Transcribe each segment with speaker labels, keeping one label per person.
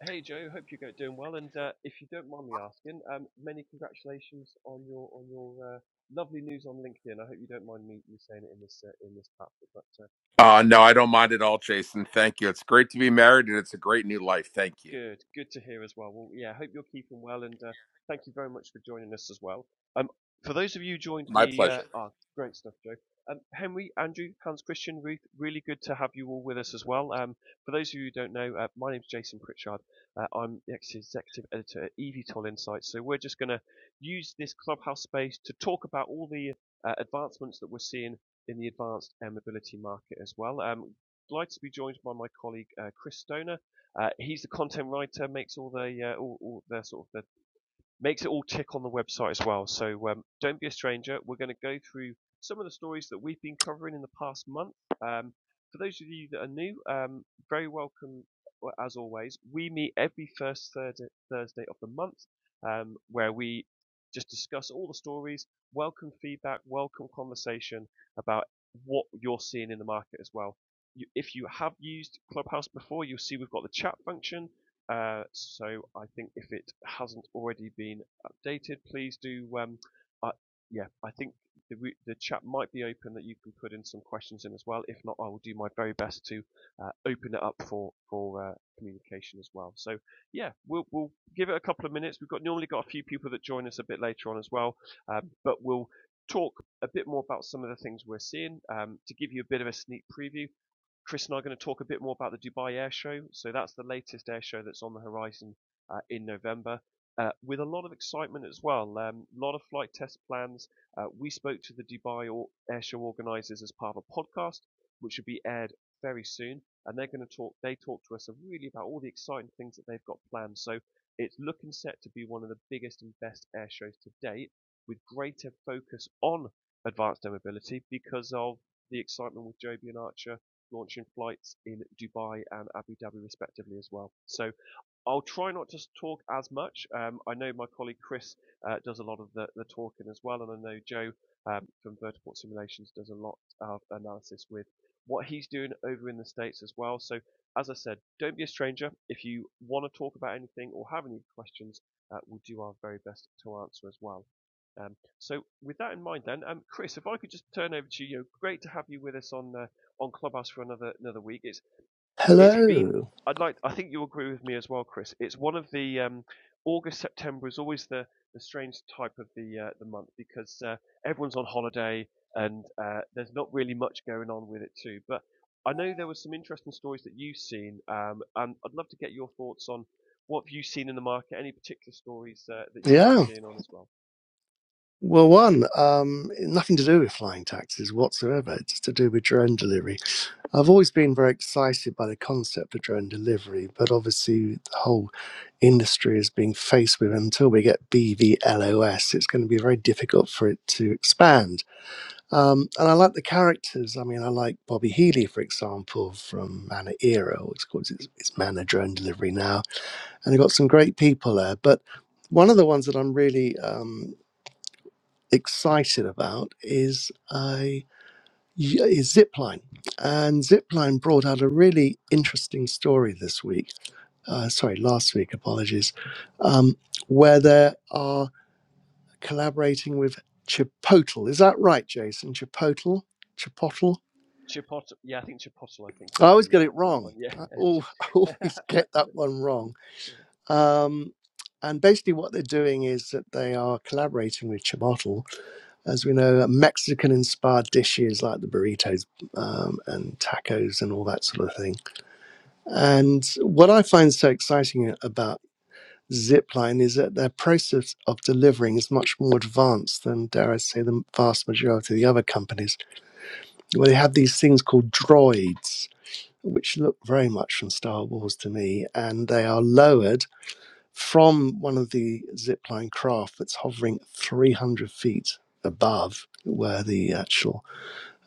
Speaker 1: Hey Joe, hope you're go- doing well. And uh, if you don't mind me asking, um, many congratulations on your on your uh, lovely news on LinkedIn. I hope you don't mind me, me saying it in this uh, in this platform, but uh,
Speaker 2: Uh, no, I don't mind at all, Jason. Thank you. It's great to be married and it's a great new life. Thank you.
Speaker 1: Good, good to hear as well. Well, yeah, hope you're keeping well, and uh, thank you very much for joining us as well. Um, for those of you who joined
Speaker 2: My
Speaker 1: me, uh,
Speaker 2: pleasure.
Speaker 1: ah, great stuff, Joe. Um, Henry, Andrew, Hans Christian, Ruth, really good to have you all with us as well. Um, for those of you who don't know, uh, my name's Jason Pritchard. Uh, I'm the executive editor at EVTOL Insights. So we're just going to use this clubhouse space to talk about all the uh, advancements that we're seeing in the advanced air mobility market as well. Um, delighted to be joined by my colleague uh, Chris Stoner uh, he's the content writer, makes all the uh, all, all the sort of the makes it all tick on the website as well. So um, don't be a stranger. We're going to go through some of the stories that we've been covering in the past month. Um, for those of you that are new, um, very welcome well, as always. We meet every first Thursday, Thursday of the month um, where we just discuss all the stories, welcome feedback, welcome conversation about what you're seeing in the market as well. You, if you have used Clubhouse before, you'll see we've got the chat function uh, so I think if it hasn't already been updated, please do. Um, uh, yeah, I think the, re- the chat might be open that you can put in some questions in as well. If not, I will do my very best to uh, open it up for for uh, communication as well. So yeah, we'll we'll give it a couple of minutes. We've got normally got a few people that join us a bit later on as well, um, but we'll talk a bit more about some of the things we're seeing um, to give you a bit of a sneak preview. Chris and I are going to talk a bit more about the Dubai Air Show. So that's the latest air show that's on the horizon uh, in November. Uh, with a lot of excitement as well, a um, lot of flight test plans. Uh, we spoke to the Dubai Air Show organisers as part of a podcast, which will be aired very soon, and they're going to talk. They talk to us really about all the exciting things that they've got planned. So it's looking set to be one of the biggest and best air shows to date, with greater focus on advanced air mobility because of the excitement with Joby and Archer launching flights in Dubai and Abu Dhabi respectively as well. So I'll try not to talk as much. Um, I know my colleague Chris uh, does a lot of the, the talking as well, and I know Joe um, from Vertiport Simulations does a lot of analysis with what he's doing over in the States as well. So as I said, don't be a stranger. If you want to talk about anything or have any questions, uh, we'll do our very best to answer as well. Um, so with that in mind, then, um, Chris, if I could just turn over to you, great to have you with us on uh, on Clubhouse for another another week. It's it's been
Speaker 3: Hello.
Speaker 1: I'd like I think you agree with me as well, Chris. It's one of the um, August September is always the the strange type of the uh, the month because uh, everyone's on holiday and uh, there's not really much going on with it too. But I know there were some interesting stories that you've seen, um, and I'd love to get your thoughts on what have you seen in the market. Any particular stories uh, that you've been
Speaker 3: Yeah.
Speaker 1: seeing on as well?
Speaker 3: Well, one, um, nothing to do with flying taxis whatsoever. It's to do with drone delivery. I've always been very excited by the concept of drone delivery, but obviously the whole industry is being faced with until we get BVLOS, it's going to be very difficult for it to expand. Um, and I like the characters. I mean, I like Bobby Healy, for example, from Mana Era, or it's called it's, it's Mana Drone Delivery now. And they've got some great people there. But one of the ones that I'm really um, excited about is a is Zipline, and Zipline brought out a really interesting story this week. Uh, sorry, last week. Apologies, um, where they are collaborating with Chipotle. Is that right, Jason? Chipotle, Chipotle.
Speaker 1: Chipotle, yeah, I think Chipotle, I think
Speaker 3: I
Speaker 1: is
Speaker 3: always get
Speaker 1: the uh,
Speaker 3: it
Speaker 1: the
Speaker 3: wrong.
Speaker 1: one. Yeah,
Speaker 3: I al- I always get that one wrong. Um, and basically, what they're doing is that they are collaborating with Chipotle as we know, Mexican inspired dishes like the burritos um, and tacos and all that sort of thing. And what I find so exciting about Zipline is that their process of delivering is much more advanced than, dare I say, the vast majority of the other companies, where they have these things called droids, which look very much from Star Wars to me, and they are lowered from one of the zipline craft that's hovering 300 feet above where the actual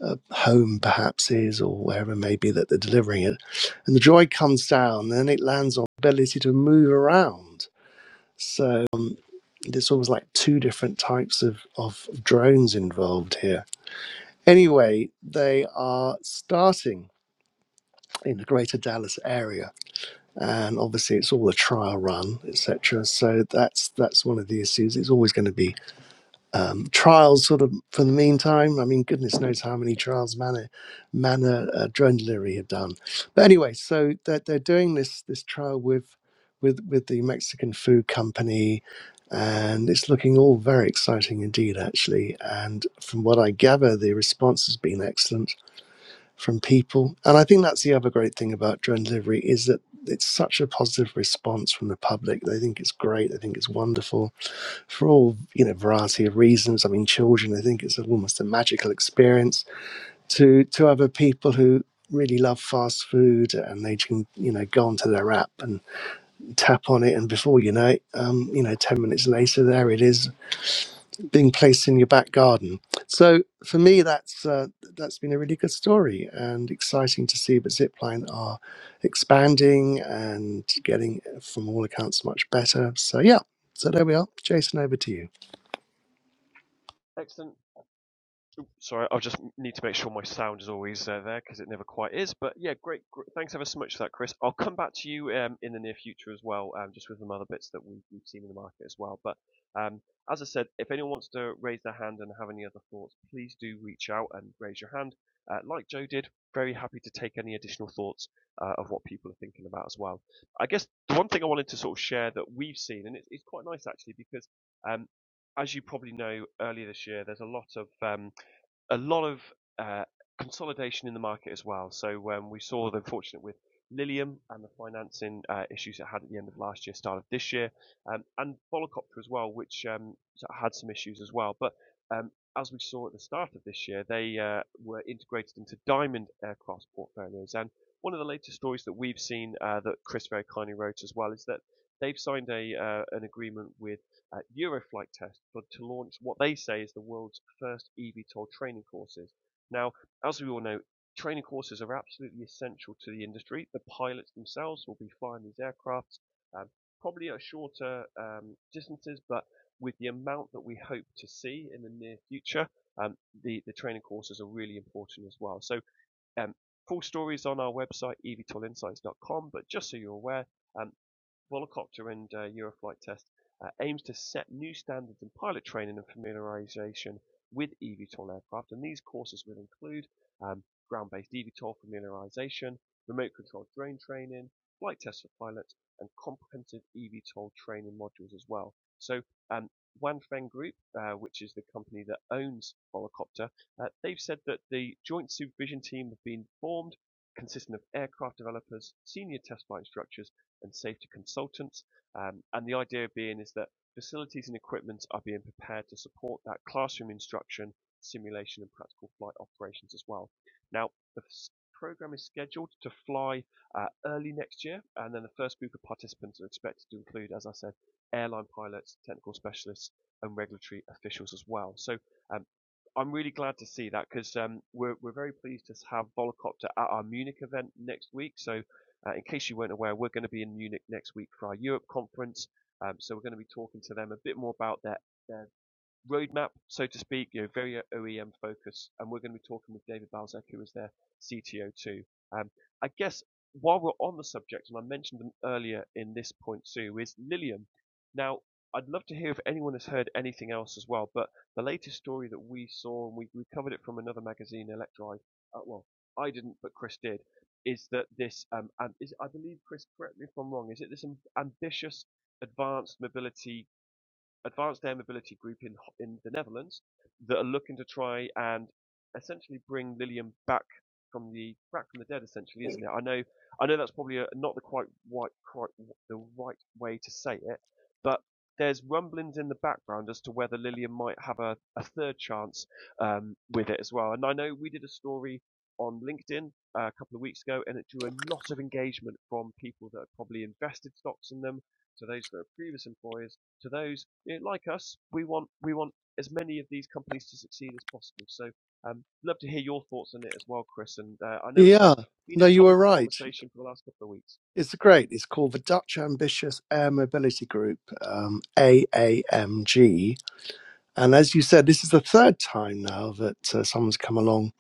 Speaker 3: uh, home perhaps is or wherever it may be that they're delivering it. And the joy comes down and it lands on the ability to move around. So um, it's almost like two different types of, of drones involved here. Anyway, they are starting in the greater Dallas area. And obviously it's all a trial run, etc. So that's that's one of the issues. It's always going to be um, trials sort of for the meantime. I mean, goodness knows how many trials Manor, Manor uh, Drone Leary had done. But anyway, so they're, they're doing this this trial with with with the Mexican food company, and it's looking all very exciting indeed, actually. And from what I gather, the response has been excellent from people. And I think that's the other great thing about drone delivery is that it's such a positive response from the public. They think it's great. They think it's wonderful for all you know variety of reasons. I mean, children. They think it's almost a magical experience to to other people who really love fast food and they can you know go onto their app and tap on it and before you know it um, you know 10 minutes later there it is being placed in your back garden. So for me, that's uh, that's been a really good story and exciting to see that Zipline are expanding and getting, uh, from all accounts, much better. So yeah, so there we are. Jason, over to you.
Speaker 1: excellent. Sorry, I'll just need to make sure my sound is always uh, there because it never quite is. But yeah, great, gr Thanks ever so much for that, Chris. I'll come back to you um, in the near future as well, um, just with some other bits that we've, we've seen in the market as well. But um, as I said, if anyone wants to raise their hand and have any other thoughts, please do reach out and raise your hand. Uh, like Joe did, very happy to take any additional thoughts uh, of what people are thinking about as well. I guess the one thing I wanted to sort of share that we've seen, and it's, it's quite nice actually, because um, as you probably know, earlier this year, there's a lot of um, a lot of uh, consolidation in the market as well. So um, we saw the unfortunate with Lilium and the financing uh, issues it had at the end of last year, start of this year, um, and Volocopter as well, which um, had some issues as well. But um, as we saw at the start of this year, they uh, were integrated into Diamond Aircraft portfolios. And one of the latest stories that we've seen uh, that Chris very kindly wrote as well is that they've signed a uh, an agreement with uh, Euroflight test for, to launch what they say is the world's first eVTOL training courses. Now, as we all know, training courses are absolutely essential to the industry. The pilots themselves will be flying these aircraft, um, probably at shorter um, distances, but with the amount that we hope to see in the near future, um, the, the training courses are really important as well. So, um, full stories on our website, evtolinsights.com, but just so you're aware, um, Volocopter and uh, Euroflight test uh, aims to set new standards in pilot training and familiarization with eVTOL aircraft, and these courses will include um, ground-based eVTOL familiarization, remote controlled drone training, flight tests for pilots, and comprehensive eVTOL training modules as well. So um, Wanfeng Group, uh, which is the company that owns Volocopter, uh, they've said that the joint supervision team have been formed, consisting of aircraft developers, senior test flight instructors, and safety consultants. Um, and the idea being is that facilities and equipment are being prepared to support that classroom instruction, simulation, and practical flight operations as well. Now, the program is scheduled to fly uh, early next year, and then the first group of participants are expected to include, as I said, airline pilots, technical specialists, and regulatory officials as well. So um, I'm really glad to see that because um, we're, we're very pleased to have Volocopter at our Munich event next week. So uh, in case you weren't aware, we're going to be in Munich next week for our Europe conference. Um, so we're going to be talking to them a bit more about their, their roadmap, so to speak, you know, very OEM focused. And we're going to be talking with David Balzac, who is their CTO too. Um, I guess while we're on the subject, and I mentioned them earlier in this point too, is Lilium. Now, I'd love to hear if anyone has heard anything else as well, but the latest story that we saw, and we, we covered it from another magazine, Electride, uh, well, I didn't, but Chris did, is that this, um, and is, I believe, Chris, correct me if I'm wrong, is it this am- ambitious advanced mobility advanced air mobility group in in the Netherlands that are looking to try and essentially bring Lilium back from the back from the dead, essentially, isn't it? I know I know that's probably a, not the quite white quite the right way to say it, but there's rumblings in the background as to whether Lillian might have a, a third chance um, with it as well. And I know we did a story on LinkedIn uh, a couple of weeks ago, and it drew a lot of engagement from people that had probably invested stocks in them, so those that are previous employers, to those you know, like us. We want we want as many of these companies to succeed as possible. So, um, love to hear your thoughts on it as well, Chris. And uh, I know it's a
Speaker 3: Yeah,
Speaker 1: been a
Speaker 3: no, you were
Speaker 1: topic of
Speaker 3: right.
Speaker 1: conversation for the last couple of weeks.
Speaker 3: It's great. It's called the Dutch Ambitious Air Mobility Group, um, AAMG. And as you said, this is the third time now that uh, someone's come along.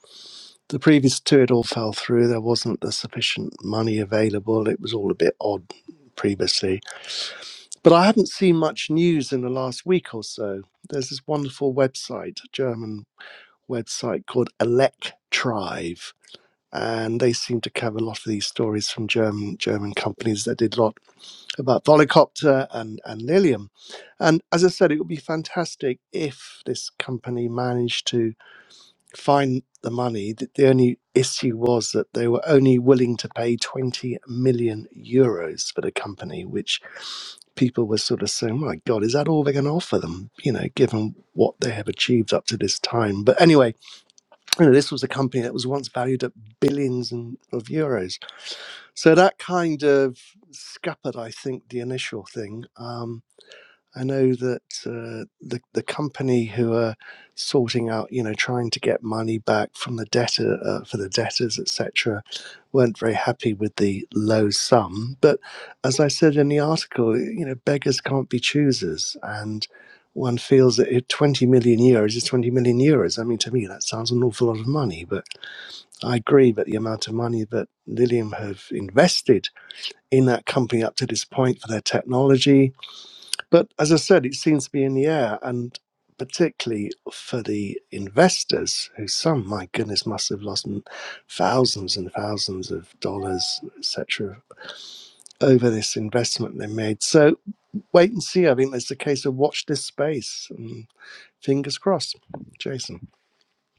Speaker 3: The previous two, it all fell through. There wasn't the sufficient money available. It was all a bit odd previously. But I haven't seen much news in the last week or so. There's this wonderful website, a German website called Electrive and they seem to cover a lot of these stories from German German companies that did a lot about Volocopter and, and Lilium. And as I said, it would be fantastic if this company managed to find the money. The, the only issue was that they were only willing to pay 20 million euros for the company, which people were sort of saying, my God, is that all they're going to offer them, you know, given what they have achieved up to this time? But anyway, you know, this was a company that was once valued at billions and, of euros. So that kind of scuppered, I think, the initial thing. Um, I know that uh, the the company who are sorting out, you know, trying to get money back from the debtor uh, for the debtors, etc., weren't very happy with the low sum. But as I said in the article, you know, beggars can't be choosers, and one feels that if 20 million euros is 20 million euros. I mean, to me, that sounds an awful lot of money, but I agree that the amount of money that Lilium have invested in that company up to this point for their technology. But as I said, it seems to be in the air and particularly for the investors who some my goodness must have lost thousands and thousands of dollars etc over this investment they made so wait and see i think there's a case of watch this space and fingers crossed jason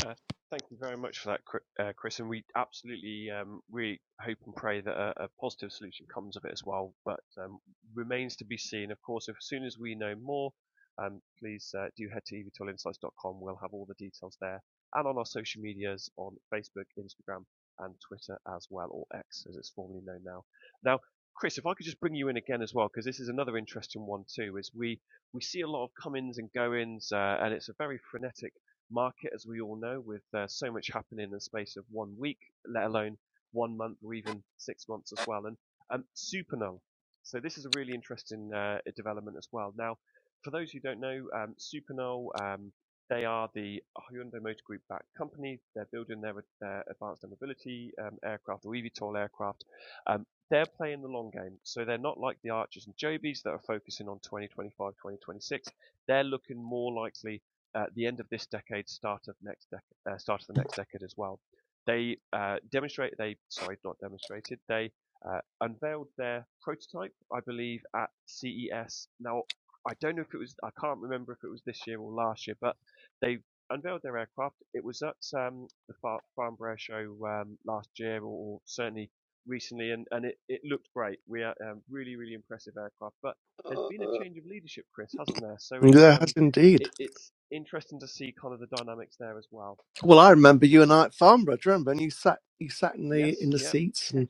Speaker 1: Uh, Thank you very much for that, uh, Chris. And we absolutely um, we hope and pray that a, a positive solution comes of it as well, but um, remains to be seen. Of course, if, as soon as we know more, um, please uh, do head to evtoolinsights.com. We'll have all the details there and on our social medias on Facebook, Instagram, and Twitter as well, or X as it's formerly known now. Now, Chris, if I could just bring you in again as well, because this is another interesting one too. Is we we see a lot of come-ins and go-ins, uh, and it's a very frenetic market, as we all know, with uh, so much happening in the space of one week, let alone one month or even six months as well. And um, Supernull. So this is a really interesting uh, development as well. Now, for those who don't know, um, Supernull, um, they are the Hyundai Motor Group backed company. They're building their, their advanced air mobility um, aircraft or eVTOL aircraft. Um, they're playing the long game. So they're not like the Archers and Jobies that are focusing on 2025, 2026. They're looking more likely at the end of this decade, start of next dec- uh, start of the next decade as well. They uh, demonstrate they sorry not demonstrated they uh, unveiled their prototype I believe at CES. Now I don't know if it was I can't remember if it was this year or last year, but they unveiled their aircraft. It was at um, the Far- Farnborough show um, last year or, or certainly recently, and, and it, it looked great. We are um, really really impressive aircraft, but there's been a
Speaker 3: Uh,
Speaker 1: change of leadership, Chris, hasn't there? So it's
Speaker 3: there
Speaker 1: um,
Speaker 3: has indeed
Speaker 1: it, it's interesting to see kind of the dynamics there as well.
Speaker 3: Well, I remember you and I at Farnborough. Do you remember? And you sat, you sat in the
Speaker 1: Yes,
Speaker 3: in the
Speaker 1: yeah.
Speaker 3: seats, and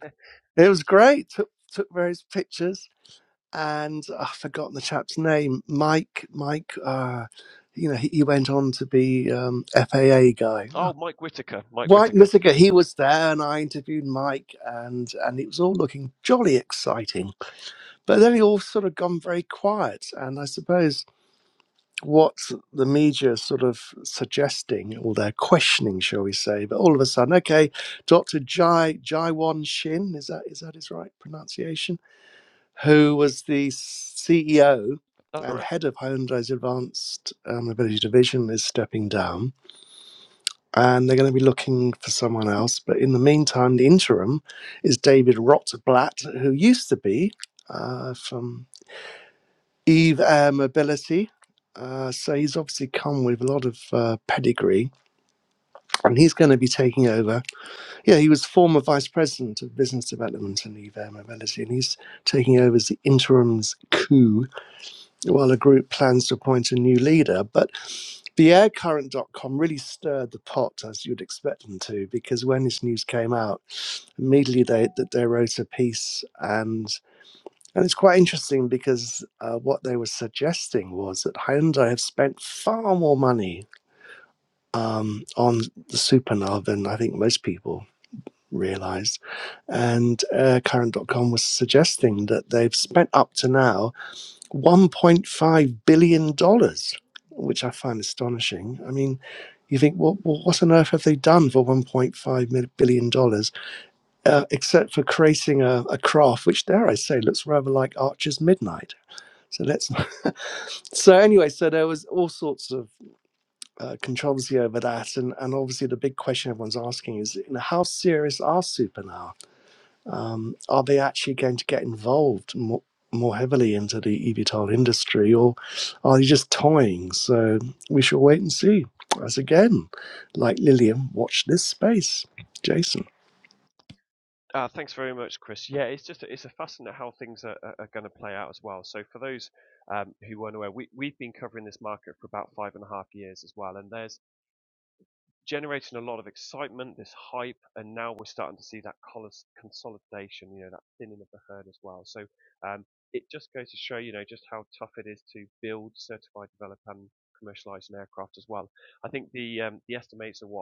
Speaker 3: it was great. Took took various pictures, and oh, I've forgotten the chap's name. Mike, Mike. Uh, you know, he, he went on to be um, FAA guy. Oh,
Speaker 1: Oh, Mike Whittaker, Mike
Speaker 3: Mike
Speaker 1: Whittaker.
Speaker 3: Missiger, he was there, and I interviewed Mike, and and it was all looking jolly exciting. But then it all sort of gone very quiet, and I suppose what the media is sort of suggesting, or they're questioning, shall we say? But all of a sudden, okay, Dr. Jai Jaiwan Shin is that is that his right pronunciation? Who was the CEO
Speaker 1: All
Speaker 3: and
Speaker 1: right.
Speaker 3: head of Hyundai's Advanced uh, Mobility Division is stepping down, and they're going to be looking for someone else. But in the meantime, the interim is David Rotblat, who used to be. Uh, from Eve Air Mobility. Uh, so he's obviously come with a lot of uh, pedigree, and he's going to be taking over. Yeah, he was former vice president of business development in Eve Air Mobility, and he's taking over as the interim's coup while a group plans to appoint a new leader. But the aircurrent.com really stirred the pot, as you'd expect them to, because when this news came out, immediately they, that they wrote a piece and. And it's quite interesting because uh, what they were suggesting was that Hyundai have spent far more money um, on the Supernova than I think most people realized. And uh, Current dot com was suggesting that they've spent up to now $1.5 billion, dollars, which I find astonishing. I mean, you think, well, well, what on earth have they done for one point five billion dollars, uh, except for creating a, a craft, which, dare I say, looks rather like Archer's Midnight? So let's. so anyway, so there was all sorts of uh, controversy over that, and and obviously the big question everyone's asking is, you know, how serious are supernow? Um, are they actually going to get involved more? More heavily into the eVTOL industry, or are they just toying? So we shall wait and see. As again, like Lillian, watch this space, Jason.
Speaker 1: Uh, thanks very much, Chris. Yeah, it's just it's a fascinating how things are, are, are going to play out as well. So for those um, who weren't aware, we we've been covering this market for about five and a half years as well, and there's generating a lot of excitement, this hype, and now we're starting to see that consolidation, you know, that thinning of the herd as well. So um, it just goes to show, you know, just how tough it is to build, certify, develop, and commercialize an aircraft as well. I think the um, the estimates are what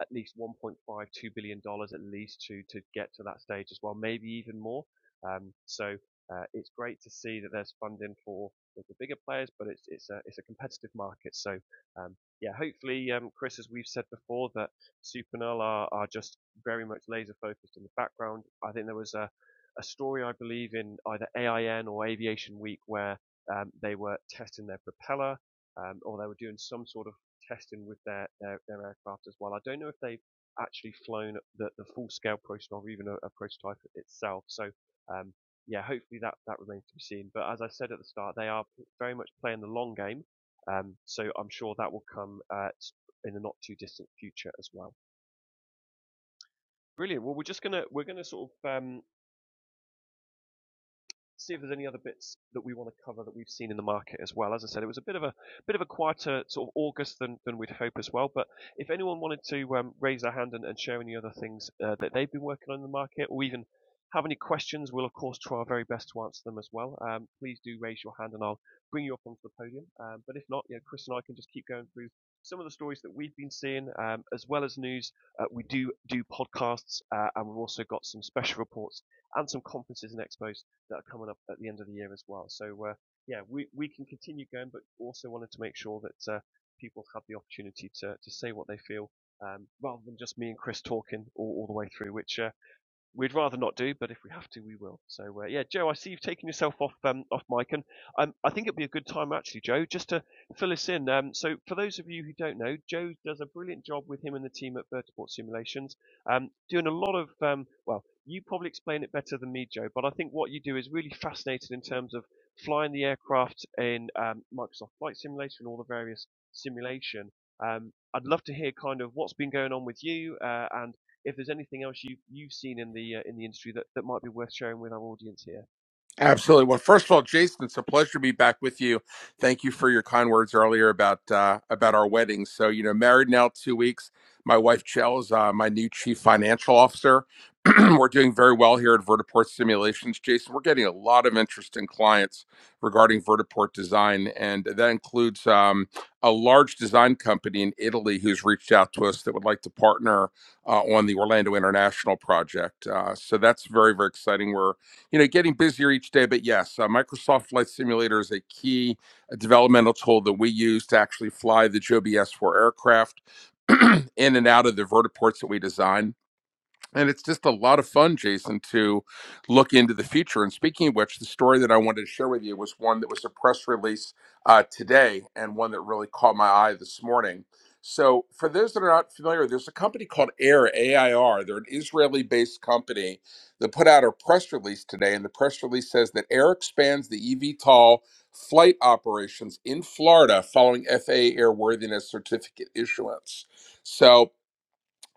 Speaker 1: at least 1.5, 2 billion dollars at least to to get to that stage as well, maybe even more. Um, so uh, it's great to see that there's funding for the, the bigger players, but it's it's a it's a competitive market. So um, yeah, hopefully, um, Chris, as we've said before, that Supernal are are just very much laser focused in the background. I think there was a a story I believe in either AIN or Aviation Week where um, they were testing their propeller um, or they were doing some sort of testing with their, their, their aircraft as well. I don't know if they've actually flown the, the full scale prototype or even a, a prototype itself. So um, yeah, hopefully that, that remains to be seen. But as I said at the start, they are very much playing the long game. Um, so I'm sure that will come uh, in the not too distant future as well. Brilliant. Well, we're just gonna we're gonna sort of um, see if there's any other bits that we want to cover that we've seen in the market as well. As I said, it was a bit of a bit of a quieter sort of August than, than we'd hope as well. But if anyone wanted to um, raise their hand and, and share any other things uh, that they've been working on in the market, or even have any questions, we'll of course try our very best to answer them as well. Um, please do raise your hand, and I'll bring you up onto the podium. Um, but if not, you know, Chris and I can just keep going through some of the stories that we've been seeing, um, as well as news. Uh, we do do podcasts, uh, and we've also got some special reports and some conferences and expos that are coming up at the end of the year as well. So uh, yeah, we, we can continue going, but also wanted to make sure that uh, people have the opportunity to, to say what they feel um, rather than just me and Chris talking all, all the way through, which uh, we'd rather not do, but if we have to, we will. So uh, yeah, Joe, I see you've taken yourself off um, off mic, and um, I think it'd be a good time actually, Joe, just to fill us in. Um, so for those of you who don't know, Joe does a brilliant job with him and the team at Vertiport Simulations, um, doing a lot of um, well, you probably explain it better than me, Joe, but I think what you do is really fascinating in terms of flying the aircraft in um, Microsoft Flight Simulator and all the various simulation. Um, I'd love to hear kind of what's been going on with you uh, and if there's anything else you you've seen in the uh, in the industry that, that might be worth sharing with our audience here.
Speaker 2: Absolutely. Well, first of all, Jason, it's a pleasure to be back with you. Thank you for your kind words earlier about uh, about our wedding. So, you know, married now two weeks. My wife Chell is uh, my new chief financial officer. We're doing very well here at Vertiport Simulations, Jason. We're getting a lot of interesting clients regarding Vertiport design, and that includes um, a large design company in Italy who's reached out to us that would like to partner uh, on the Orlando International project. Uh, so that's very, very exciting. We're you know, getting busier each day. But yes, uh, Microsoft Flight Simulator is a key uh, developmental tool that we use to actually fly the Joby S4 aircraft in and out of the vertiports that we design and it's just a lot of fun, Jason, to look into the future. And speaking of which, the story that I wanted to share with you was one that was a press release uh, today and one that really caught my eye this morning. So, for those that are not familiar, there's a company called AIR, AIR. They're an Israeli based company that put out a press release today. And the press release says that AIR expands the EVTOL flight operations in Florida following FAA airworthiness certificate issuance. So,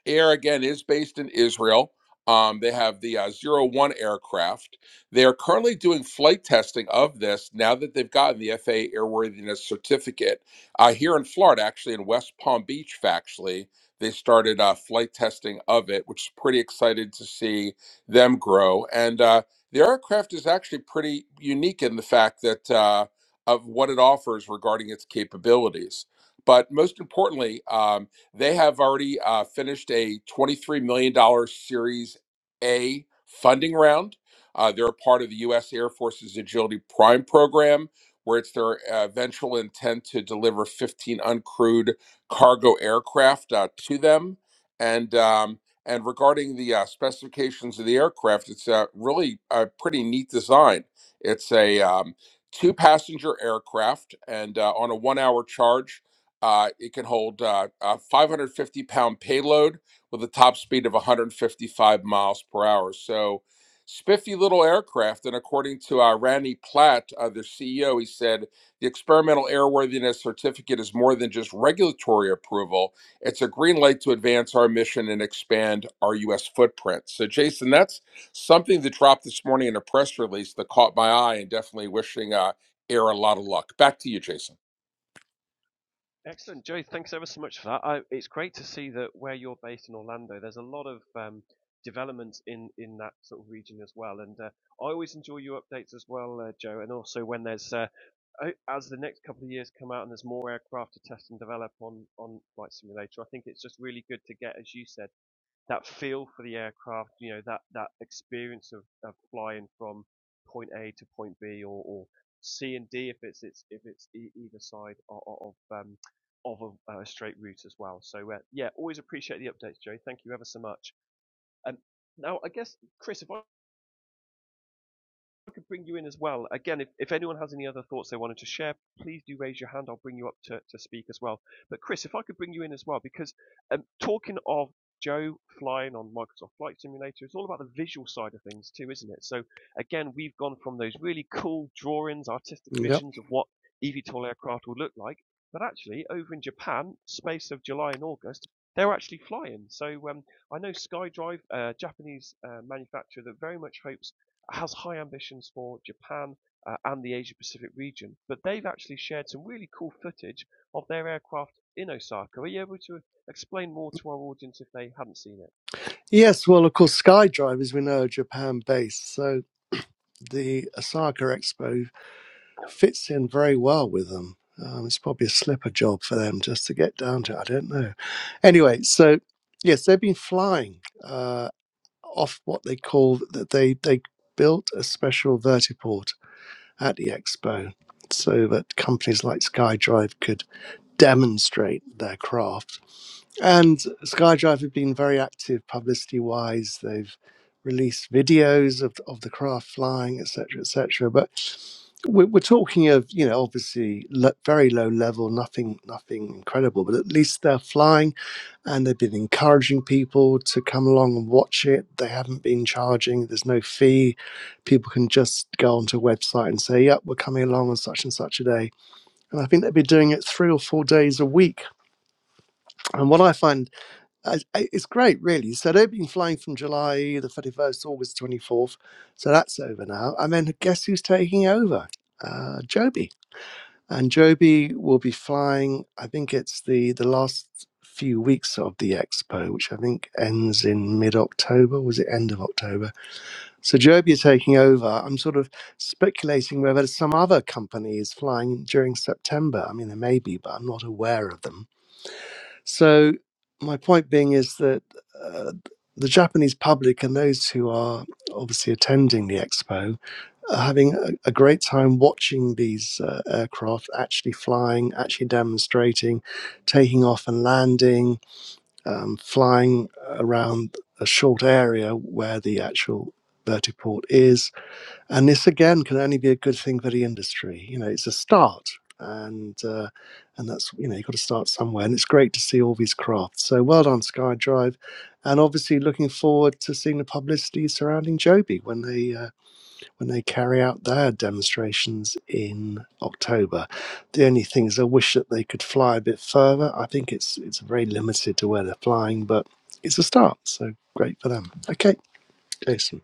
Speaker 2: Air again is based in Israel. Um, they have the uh, Zero One aircraft. They are currently doing flight testing of this now that they've gotten the FAA airworthiness certificate uh, here in Florida, actually in West Palm Beach. Factually, they started uh, flight testing of it, which is pretty excited to see them grow. And uh, the aircraft is actually pretty unique in the fact that uh, of what it offers regarding its capabilities. But most importantly, um, they have already uh, finished a $23 million dollars Series A funding round. Uh, they're a part of the U.S. Air Force's Agility Prime program, where it's their uh, eventual intent to deliver 15 uncrewed cargo aircraft uh, to them. And um, and regarding the uh, specifications of the aircraft, it's uh, really a pretty neat design. It's a um, two passenger aircraft, and uh, on a one hour charge, uh, it can hold uh, a 550 pound payload with a top speed of 155 miles per hour. So, spiffy little aircraft. And according to uh, Randy Platt, uh, their CEO, he said the experimental airworthiness certificate is more than just regulatory approval. It's a green light to advance our mission and expand our U.S. footprint. So, Jason, that's something that dropped this morning in a press release that caught my eye and definitely wishing uh, Air a lot of luck. Back to you, Jason.
Speaker 1: Excellent, Joe. Thanks ever so much for that. I, it's great to see that where you're based in Orlando, there's a lot of um, development in in that sort of region as well. And uh, I always enjoy your updates as well, uh, Joe. And also when there's uh, as the next couple of years come out and there's more aircraft to test and develop on on flight simulator, I think it's just really good to get, as you said that feel for the aircraft, you know, that, that experience of, of flying from point A to point B or, or C and D if it's, it's if it's e- either side of, of um, of a, a straight route as well. So uh, yeah, always appreciate the updates, Joe. Thank you ever so much. And Um, now I guess Chris, if I could bring you in as well. Again, if, if anyone has any other thoughts they wanted to share, please do raise your hand. I'll bring you up to, to speak as well. But Chris, if I could bring you in as well, because um, talking of Joe flying on Microsoft Flight Simulator, it's all about the visual side of things too, isn't it? So again, we've gone from those really cool drawings, artistic
Speaker 3: Yep.
Speaker 1: visions of what eVTOL aircraft will look like, but actually over in Japan, space of July and August, they're actually flying. So um, I know SkyDrive, a Japanese uh, manufacturer that very much hopes has high ambitions for Japan uh, and the Asia Pacific region. But they've actually shared some really cool footage of their aircraft in Osaka. Are you able to explain more to our audience if they haven't seen it?
Speaker 3: Yes. Well, of course, SkyDrive, as we know, Japan-based. So the Osaka Expo fits in very well with them. Um, it's probably a slipper job for them just to get down to. I don't know. Anyway, so yes, they've been flying uh, off what they call that they they built a special vertiport at the expo so that companies like SkyDrive could demonstrate their craft and SkyDrive have been very active publicity wise. They've released videos of, of the craft flying, etc., etc. But we're, we're talking of, you know, obviously lo- very low level, nothing, nothing incredible. But at least they're flying, and they've been encouraging people to come along and watch it. They haven't been charging. There's no fee. People can just go onto a website and say, "Yep, we're coming along on such and such a day." And I think they've been doing it three or four days a week. And what I find I- I- it's great, really. So they've been flying from July the 31st to August 24th. So that's over now. And then guess who's taking over? Uh, Joby. And Joby will be flying, I think it's the, the last few weeks of the expo, which I think ends in mid October. Was it end of October? So Joby is taking over. I'm sort of speculating whether some other company is flying during September. I mean, there may be, but I'm not aware of them. So my point being is that uh, the Japanese public and those who are obviously attending the expo are having a, a great time watching these uh, aircraft actually flying, actually demonstrating, taking off and landing, um, flying around a short area where the actual vertiport is and this again can only be a good thing for the industry. You know, it's a start, and uh, and that's you know you've got to start somewhere. And it's great to see all these crafts. So well done, SkyDrive, and obviously looking forward to seeing the publicity surrounding Joby when they uh, when they carry out their demonstrations in October. The only thing is, I wish that they could fly a bit further. I think it's it's very limited to where they're flying, but it's a start. So great for them. Okay, Jason.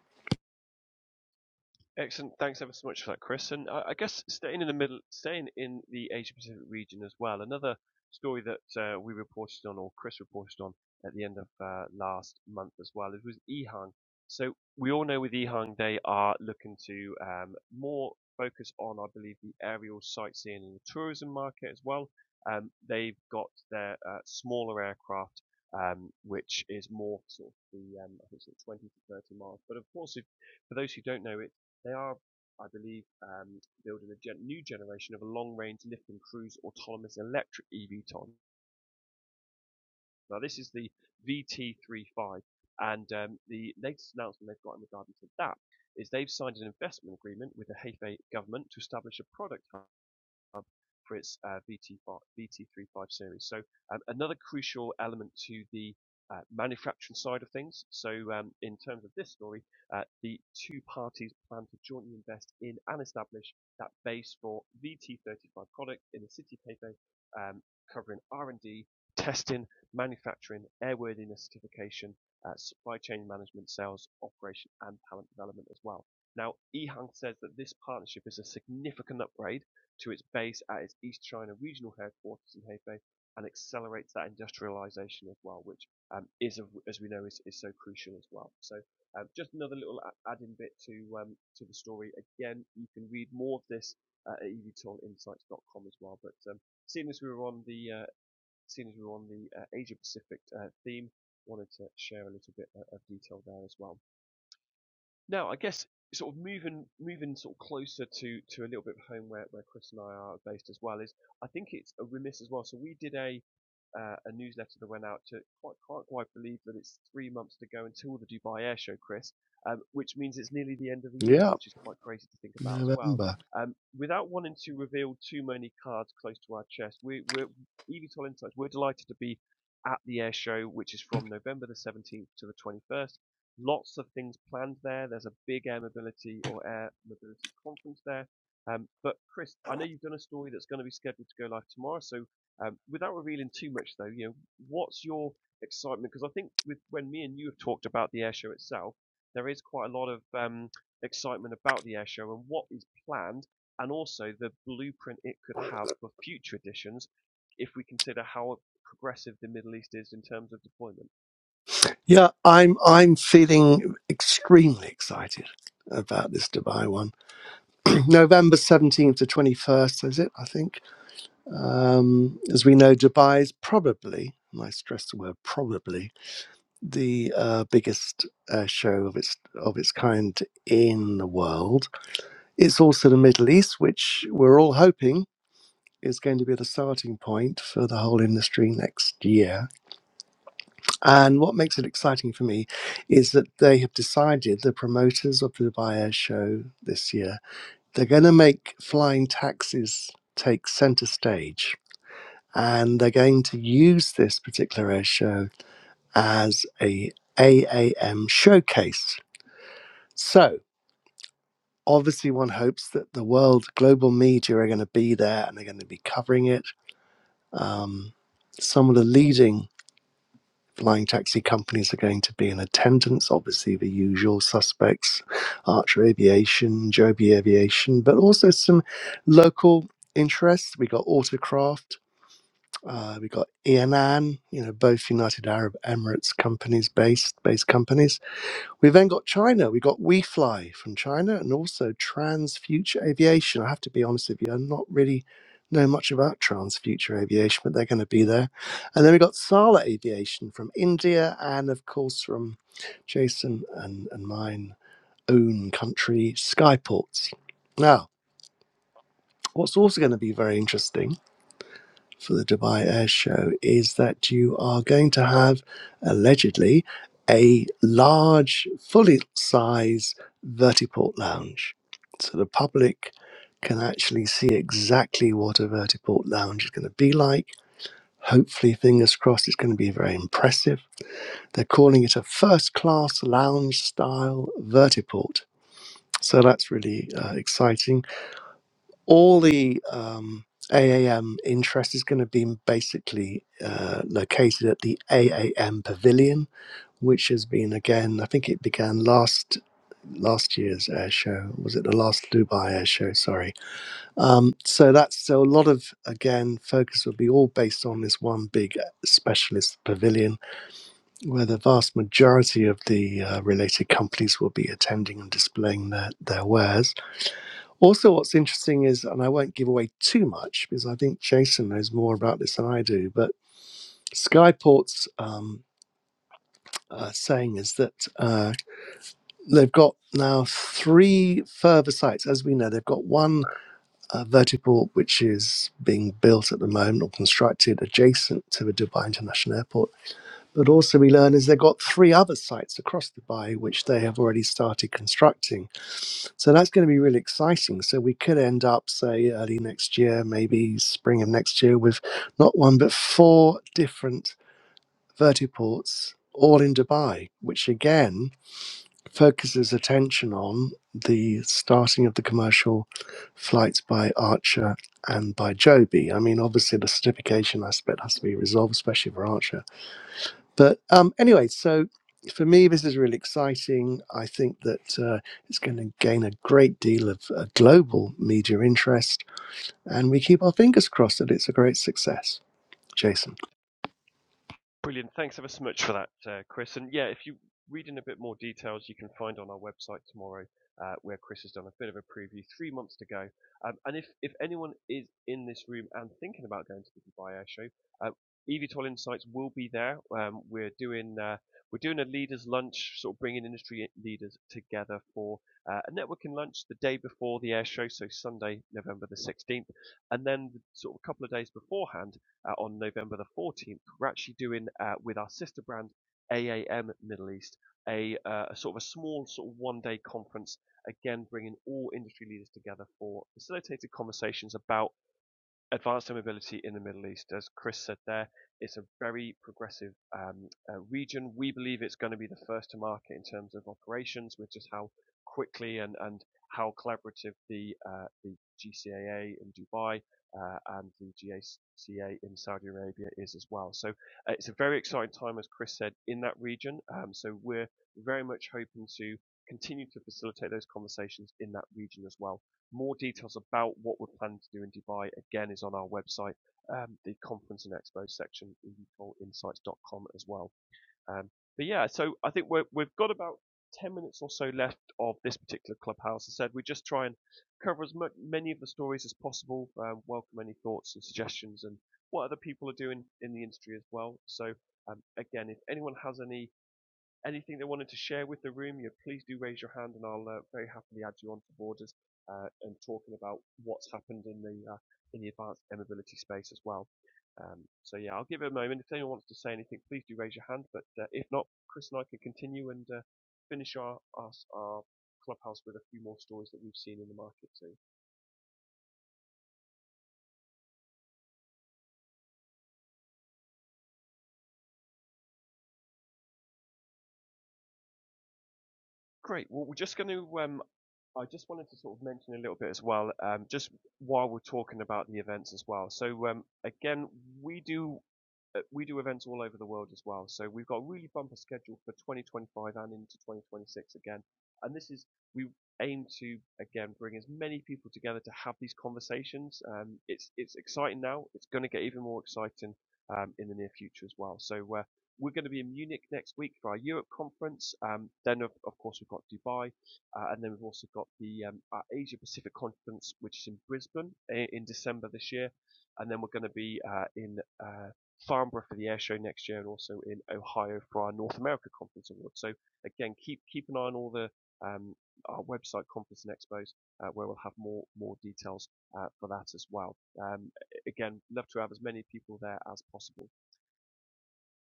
Speaker 1: Excellent. Thanks ever so much for that, Chris. And I I guess staying in the middle, staying in the Asia Pacific region as well, another story that uh, we reported on, or Chris reported on at the end of uh, last month as well, it was Ehang. So we all know with Ehang, they are looking to um, more focus on, I believe, the aerial sightseeing and the tourism market as well. Um, they've got their uh, smaller aircraft, um, which is more sort of the, um, I think it's like 20 to 30 miles. But of course, if for those who don't know, they are, I believe, um, building a gen- new generation of a long-range lift and cruise autonomous electric eVTOL. Now, this is the VT35, and um, the latest announcement they've got in regard to that is they've signed an investment agreement with the Hefei government to establish a product hub for its uh, vt 35 series. So um, another crucial element to the uh, manufacturing side of things. So um, in terms of this story, uh, the two parties plan to jointly invest in and establish that base for VT35 product in the city paper, um, covering R&D, testing, manufacturing, airworthiness certification, uh, supply chain management, sales, operation, and talent development as well. Now, Ehang says that this partnership is a significant upgrade to its base at its East China regional headquarters in Hefei and accelerates that industrialization as well, which um, is, as we know, is, is so crucial as well. So um, just another little add-in bit to um, to the story. Again, you can read more of this uh, at evtoolinsights.com as well. But um, seeing as we were on the uh, seeing as we were on the uh, Asia Pacific uh, theme, wanted to share a little bit uh, of detail there as well. Now, I guess sort of moving moving sort of closer to to a little bit of home where, where Chris and I are based as well is I think it's a remiss as well. So we did a uh, a newsletter that went out to quite can't quite believe that it's three months to go until the Dubai Air Show, Chris, um, which means it's nearly the end of the year,
Speaker 3: Yeah,
Speaker 1: which is quite crazy to think about as well.
Speaker 3: November.
Speaker 1: Um, without wanting to reveal too many cards close to our chest, we, we're EVTOL Insights. We're delighted to be at the air show, which is from November the 17th to the 21st lots of things planned there. There's a big air mobility or air mobility conference there. Um, but Chris, I know you've done a story that's going to be scheduled to go live tomorrow. So um, without revealing too much, though, you know, what's your excitement? Because I think with when me and you have talked about the air show itself, there is quite a lot of um, excitement about the air show and what is planned, and also the blueprint it could have for future editions if we consider how progressive the Middle East is in terms of deployment.
Speaker 3: Yeah, I'm I'm feeling extremely excited about this Dubai one. November 17th to 21st, is it? I think. Um, as we know, Dubai is probably, and I stress the word probably, the uh, biggest uh, show of its of its kind in the world. It's also the Middle East, which we're all hoping is going to be the starting point for the whole industry next year And what makes it exciting for me is that they have decided, the promoters of the Dubai Air Show this year, they're going to make flying taxis take center stage. And they're going to use this particular air show as a AAM showcase. So obviously one hopes that the world global media are going to be there and they're going to be covering it. Um, some of the leading flying taxi companies are going to be in attendance. Obviously, the usual suspects, Archer Aviation, Joby Aviation, but also some local interests. We got Autocraft. Uh, we got Anan, you know, both United Arab Emirates companies based based companies we then got China. We got WeFly from China and also Trans Future Aviation. I have to be honest with you, I'm not really know much about Trans Future Aviation, but they're going to be there. And then we got Sala Aviation from India and, of course, from Jason and, and mine own country, Skyports. Now, what's also going to be very interesting for the Dubai Air Show is that you are going to have allegedly a large, fully size vertiport lounge. So the public can actually see exactly what a vertiport lounge is going to be like. Hopefully, fingers crossed, it's going to be very impressive. They're calling it a first class lounge style vertiport. So that's really uh, exciting all the um, AAM interest is going to be basically uh, located at the AAM Pavilion, which has been again, I think it began last last year's air show. Was it the last Dubai air show? Sorry. Um, so that's so a lot of again focus will be all based on this one big uh, specialist pavilion, where the vast majority of the uh, related companies will be attending and displaying their their wares also, what's interesting is, and I won't give away too much because I think Jason knows more about this than I do, but Skyport's um, uh, saying is that uh, they've got now three further sites. As we know, they've got one uh, vertiport which is being built at the moment or constructed adjacent to the Dubai International Airport But also, we learn is they've got three other sites across Dubai which they have already started constructing. So that's going to be really exciting. So we could end up, say, early next year, maybe spring of next year, with not one but four different vertiports all in Dubai, which again focuses attention on the starting of the commercial flights by Archer and by Joby. I mean, obviously, the certification aspect has to be resolved, especially for Archer but um, anyway, so for me, this is really exciting. I think that uh, it's going to gain a great deal of uh, global media interest, and we keep our fingers crossed that it's a great success. Jason.
Speaker 1: Brilliant. Thanks ever so much for that, uh, Chris. And yeah, if you read in a bit more details, you can find on our website tomorrow uh, where Chris has done a bit of a preview, three months to go. Um, and if, if anyone is in this room and thinking about going to the Dubai Air Show, uh, eVTOL Insights will be there. Um, we're doing uh, we're doing a leaders lunch, sort of bringing industry leaders together for uh, a networking lunch the day before the air show, so Sunday, November the 16th, and then the, sort of a couple of days beforehand, uh, on November the 14th, we're actually doing uh, with our sister brand AAM Middle East a, uh, a sort of a small sort of one day conference, again bringing all industry leaders together for facilitated conversations about advanced home mobility in the Middle East. As Chris said there, it's a very progressive um, uh, region. We believe it's going to be the first to market in terms of operations with just how quickly and, and how collaborative the, uh, the GCAA in Dubai uh, and the GACA in Saudi Arabia is as well. So uh, it's a very exciting time, as Chris said, in that region. Um, so we're very much hoping to continue to facilitate those conversations in that region as well. More details about what we're planning to do in Dubai, again, is on our website, um, the conference and expo section, ecoinsights.com as well. Um, but yeah, so I think we're, we've got about 10 minutes or so left of this particular clubhouse. As I said, we just try and cover as much, many of the stories as possible, um, welcome any thoughts and suggestions and what other people are doing in the industry as well. So um, again, if anyone has any anything they wanted to share with the room, you please do raise your hand and I'll uh, very happily add you on to borders uh, and talking about what's happened in the uh, in the advanced air mobility space as well. Um, so yeah, I'll give it a moment. If anyone wants to say anything, please do raise your hand. But uh, if not, Chris and I can continue and uh, finish our, our our clubhouse with a few more stories that we've seen in the market too. Great. Well, we're just going to. um, I just wanted to sort of mention a little bit as well, um, just while we're talking about the events as well. So um, again, we do uh, we do events all over the world as well. So we've got a really bumper schedule for 2025 and into 2026 again. And this is we aim to again bring as many people together to have these conversations. Um, it's it's exciting now. It's going to get even more exciting um, in the near future as well. So uh, we're going to be in Munich next week for our Europe conference. Um, then of, of course we've got Dubai uh, and then we've also got the um, uh, Asia Pacific Conference, which is in Brisbane in, in December this year. And then we're going to be uh, in uh, Farnborough for the air show next year and also in Ohio for our North America Conference Award. So again, keep, keep an eye on all the, um, our website conference and expos, uh, where we'll have more, more details, uh, for that as well. Um, again, love to have as many people there as possible.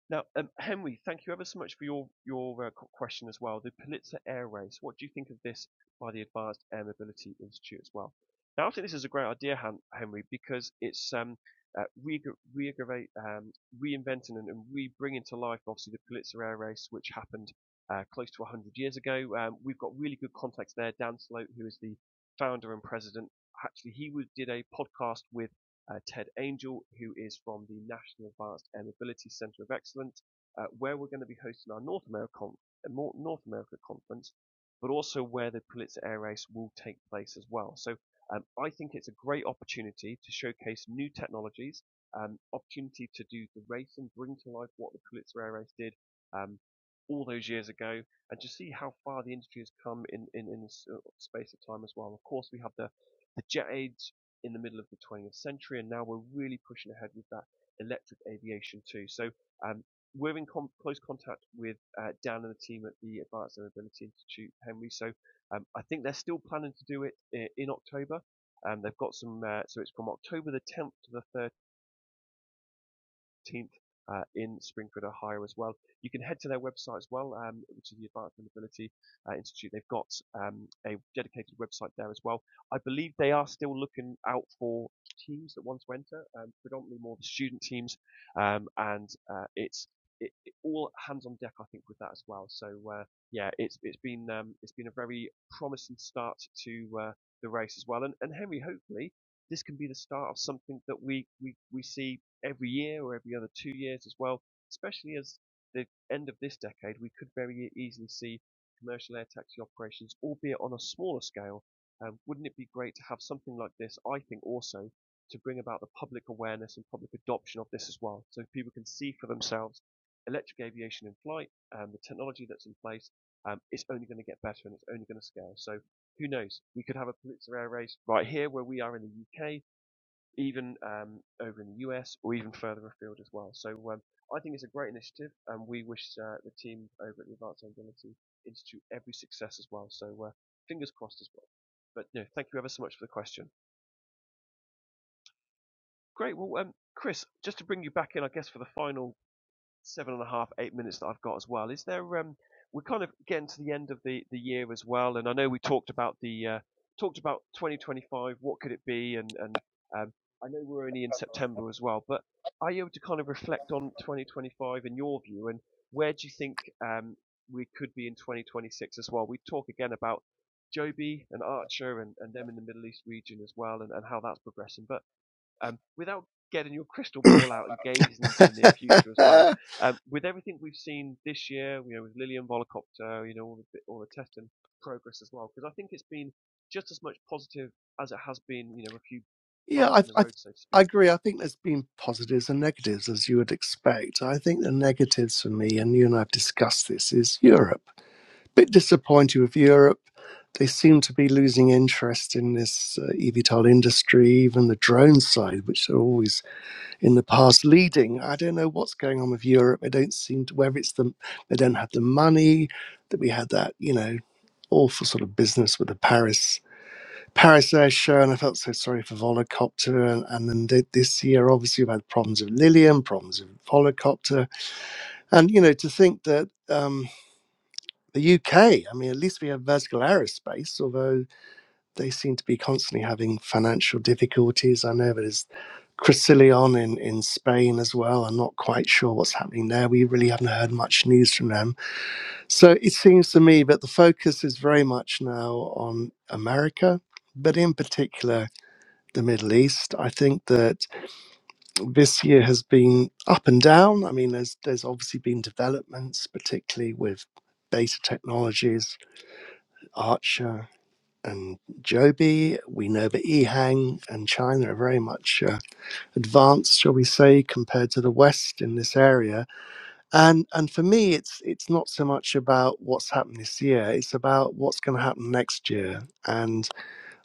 Speaker 1: Now, um, Henry, thank you ever so much for your your uh, question as well. The Pulitzer Air Race. What do you think of this by the Advanced Air Mobility Institute as well? Now, I think this is a great idea, Henry, because it's um, uh, re- reaggravate, um, reinventing and, and re-bringing to life, obviously, the Pulitzer Air Race, which happened uh, close to 100 years ago. Um, we've got really good contacts there. Dan Sloat, who is the founder and president, actually, he did a podcast with uh, Ted Angel, who is from the National Advanced and Ability Centre of Excellence, uh, where we're going to be hosting our North America, North America conference, but also where the Pulitzer Air Race will take place as well. So um, I think it's a great opportunity to showcase new technologies, um, opportunity to do the race and bring to life what the Pulitzer Air Race did um, all those years ago, and to see how far the industry has come in in, in this uh, space of time as well. Of course, we have the the jet aids in the middle of the 20th century, and now we're really pushing ahead with that electric aviation too. So um, we're in com- close contact with uh, Dan and the team at the Advanced Air Mobility Institute, Henry. So um, I think they're still planning to do it in October. Um, they've got some, uh, so it's from October the 10th to the 14th uh, in Springfield, Ohio, as well. You can head to their website as well, um, which is the Advanced Mobility uh, Institute. They've got um, a dedicated website there as well. I believe they are still looking out for teams that want to enter, um, predominantly more the student teams, um, and uh, it's it, it, all hands on deck, I think, with that as well. So uh, yeah, it's it's been um, it's been a very promising start to uh, the race as well. And, and Henry, hopefully, this can be the start of something that we we, we see every year or every other two years as well, especially as the end of this decade, we could very e-, easily see commercial air taxi operations, albeit on a smaller scale. Um, wouldn't it be great to have something like this? I think also to bring about the public awareness and public adoption of this as well, so people can see for themselves electric aviation in flight, um, the technology that's in place, um, it's only going to get better and it's only going to scale. So who knows? We could have a Pulitzer Air race right here where we are in the UK, even um, over in the US or even further afield as well. So um, I think it's a great initiative, and we wish uh, the team over at the Advanced Mobility Institute every success as well. So uh, fingers crossed as well. But no, thank you ever so much for the question. Great. Well, um, Chris, just to bring you back in, I guess for the final seven and a half, eight minutes that I've got as well. Is there? Um, we're kind of getting to the end of the, the year as well, and I know we talked about the uh, talked about 2025. What could it be? And and um, I know we're only in September as well, but are you able to kind of reflect on 2025 in your view, and where do you think um, we could be in 2026 as well? We talk again about Joby and Archer and, and them in the Middle East region as well, and, and how that's progressing, but um, without getting your crystal ball out and gazing into the near future as well. Um, with everything we've seen this year, you know, with Lillian Volocopter, you know, all the, all the test and progress as well, because I think it's been just as much positive as it has been, you know, a few
Speaker 3: Yeah,
Speaker 1: bumps
Speaker 3: I,
Speaker 1: in the
Speaker 3: I,
Speaker 1: road, so to
Speaker 3: I
Speaker 1: speak.
Speaker 3: agree. I think there's been positives and negatives, as you would expect. I think the negatives for me, and you and I have discussed this, is Europe. Bit disappointed with Europe. They seem to be losing interest in this uh, eVTOL industry, even the drone side, which are always in the past leading. I don't know what's going on with Europe. They don't seem to, whether it's them, they don't have the money that we had that, you know, awful sort of business with the Paris Paris Air Show, and I felt so sorry for Volocopter. And, and then th- this year, obviously, we've had problems with Lilium, problems with Volocopter. And, you know, to think that um, the UK, I mean, at least we have vertical aerospace, although they seem to be constantly having financial difficulties. I know there's Cressilion in, in Spain as well. I'm not quite sure what's happening there. We really haven't heard much news from them. So it seems to me that the focus is very much now on America, but in particular, the Middle East. I think that this year has been up and down. I mean, there's there's obviously been developments, particularly with Beta Technologies, Archer, and Joby. We know that EHang and China are very much uh, advanced, shall we say, compared to the West in this area. And and for me, it's it's not so much about what's happened this year. It's about what's going to happen next year. And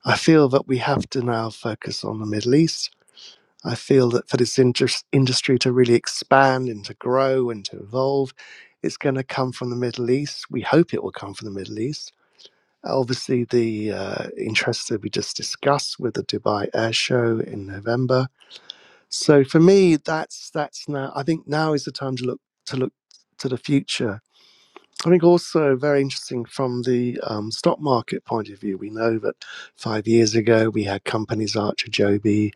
Speaker 3: I feel that we have to now focus on the Middle East I feel that for this indus- industry to really expand and to grow and to evolve, it's going to come from the Middle East. We hope it will come from the Middle East. Obviously, the uh, interests that we just discussed with the Dubai Air Show in November. So for me, that's that's now. I think now is the time to look to look to the future I think also very interesting from the um, stock market point of view. We know that five years ago we had companies Archer Joby,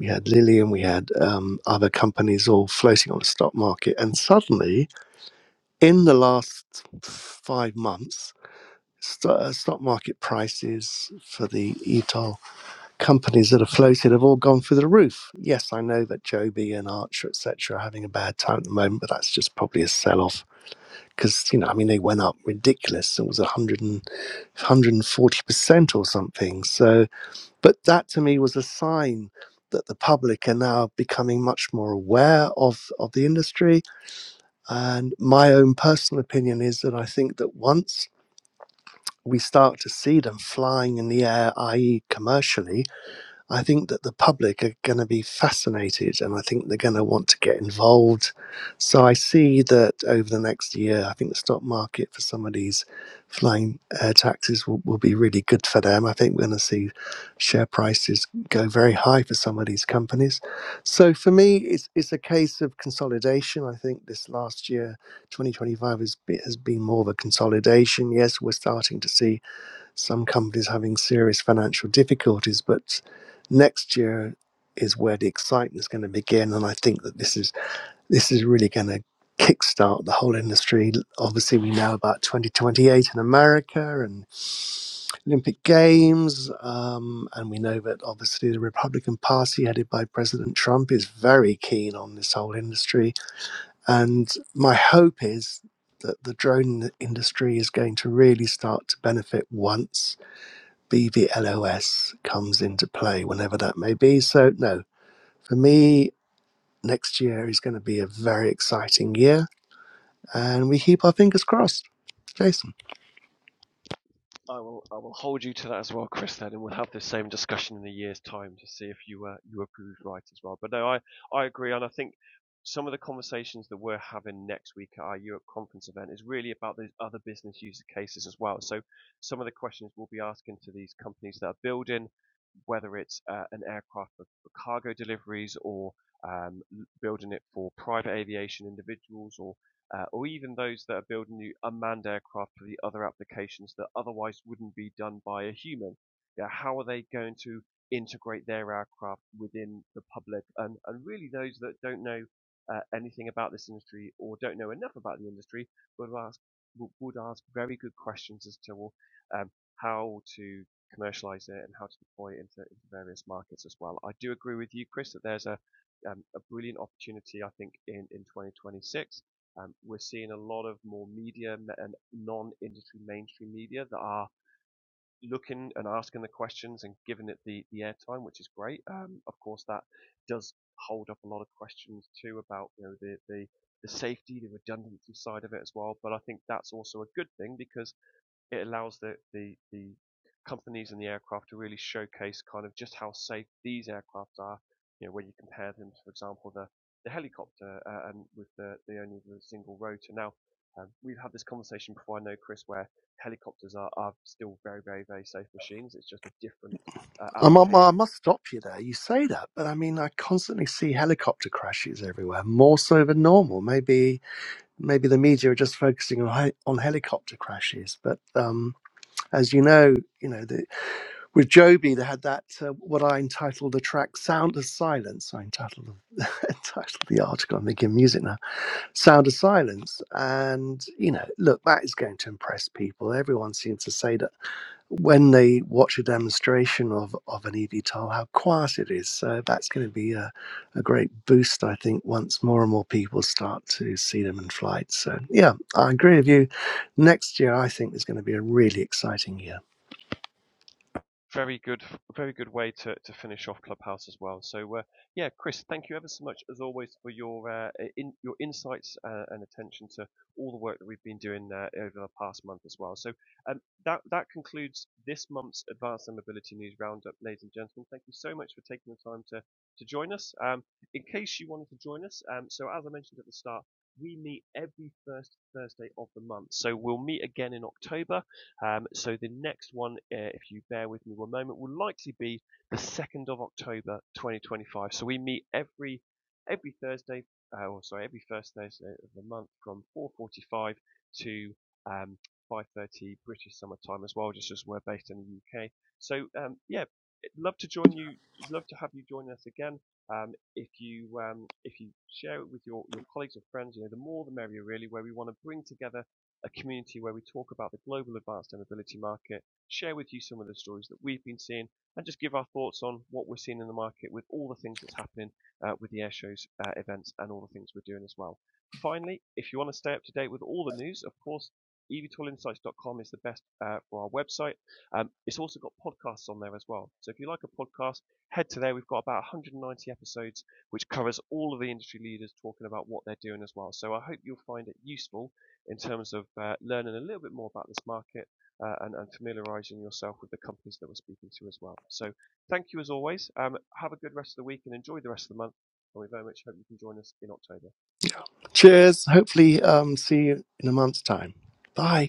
Speaker 3: we had Lillian, we had um, other companies all floating on the stock market, and suddenly in the last five months, st- uh, stock market prices for the ETOL companies that have floated have all gone through the roof. Yes, I know that Joby and Archer et cetera are having a bad time at the moment, but that's just probably a sell off because you know I mean they went up ridiculous. It was 100 and 140 percent or something. So, but that to me was a sign that the public are now becoming much more aware of of the industry. And my own personal opinion is that I think that once we start to see them flying in the air, i.e., commercially, I think that the public are going to be fascinated and I think they're going to want to get involved. So I see that over the next year, I think the stock market for some of these flying air taxis will, will be really good for them. I think we're going to see share prices go very high for some of these companies. So for me, it's, it's a case of consolidation. I think this last year, 2025, has been, has been more of a consolidation. Yes, we're starting to see some companies having serious financial difficulties, but next year is where the excitement is going to begin, and I think that this is this is really going to kickstart the whole industry. Obviously, we know about 2028 in America and Olympic Games, um, and we know that obviously the Republican Party, headed by President Trump, is very keen on this whole industry. And my hope is that the drone industry is going to really start to benefit once BVLOS comes into play whenever that may be. So, no, for me, next year is going to be a very exciting year, and we keep our fingers crossed. Jason,
Speaker 1: I will I will hold you to that as well, Chris. Then, and we'll have the same discussion in a year's time to see if you uh, you approve right as well. But no, I I agree, and I think some of the conversations that we're having next week at our Europe conference event is really about those other business use cases as well. So some of the questions we'll be asking to these companies that are building, whether it's uh, an aircraft for, for cargo deliveries or um, building it for private aviation individuals or uh, or even those that are building new unmanned aircraft for the other applications that otherwise wouldn't be done by a human. Yeah, how are they going to integrate their aircraft within the public? And, and really, those that don't know uh, anything about this industry or don't know enough about the industry would ask would- ask very good questions as to well, um, how to commercialize it and how to deploy it into, into various markets as well. I do agree with you, Chris, that there's a um, a brilliant opportunity, I think, in, in 2026 um, we're seeing a lot of more media and non-industry mainstream media that are looking and asking the questions and giving it the, the airtime, which is great. Um, of course, that does hold up a lot of questions too about you know the, the the safety, the redundancy side of it as well. But I think that's also a good thing because it allows the, the, the companies and the aircraft to really showcase kind of just how safe these aircraft are. You know, when you compare them, for example, the, the helicopter uh, and with the, the only the single rotor. Now, um, we've had this conversation before, I know, Chris, where helicopters are, are still very, very, very safe machines. It's just a different uh,
Speaker 3: I'm, I'm, I
Speaker 1: application
Speaker 3: must stop you there. You say that, but I mean, I constantly see helicopter crashes everywhere, more so than normal. Maybe, maybe the media are just focusing on, he- on helicopter crashes, but um, as you know, you know. the, with Joby, they had that uh, what I entitled the track "Sound of Silence." I entitled the, entitled the article. I'm making music now. "Sound of Silence," and you know, look, that is going to impress people. Everyone seems to say that when they watch a demonstration of of an eVTOL, how quiet it is. So that's going to be a, a great boost, I think, once more and more people start to see them in flight. So yeah, I agree with you. Next year, I think is going to be a really exciting year.
Speaker 1: very good, very good way to, to finish off Clubhouse as well. So uh, yeah, Chris, thank you ever so much as always for your uh, in, your insights uh, and attention to all the work that we've been doing uh, over the past month as well. So um, that that concludes this month's Advanced Air Mobility News Roundup, ladies and gentlemen. Thank you so much for taking the time to to join us. Um, in case you wanted to join us, um, so as I mentioned at the start. We meet every first Thursday of the month. So we'll meet again in October um, so the next one, uh, if you bear with me one moment, will likely be the 2nd of October 2025. So we meet every every Thursday, uh, or sorry, every first Thursday of the month from 4:45 to um, 5:30 British summer time as well, just as we're based in the UK. So um, yeah, love to join you. Love to have you join us again. Um, if you um, if you share it with your, your colleagues or friends, you know the more the merrier really. Where we want to bring together a community where we talk about the global advanced air mobility market, share with you some of the stories that we've been seeing, and just give our thoughts on what we're seeing in the market with all the things that's happening uh, with the air shows, uh, events, and all the things we're doing as well. Finally, if you want to stay up to date with all the news, of course, evtoolinsights.com is the best uh, for our website. Um, it's also got podcasts on there as well. So if you like a podcast, head to there. We've got about 190 episodes, which covers all of the industry leaders talking about what they're doing as well. So I hope you'll find it useful in terms of uh, learning a little bit more about this market uh, and, and familiarizing yourself with the companies that we're speaking to as well. So thank you as always. Um, have a good rest of the week and enjoy the rest of the month. And we very much hope you can join us in October.
Speaker 3: Cheers. Hopefully, um, see you in a month's time. Bye.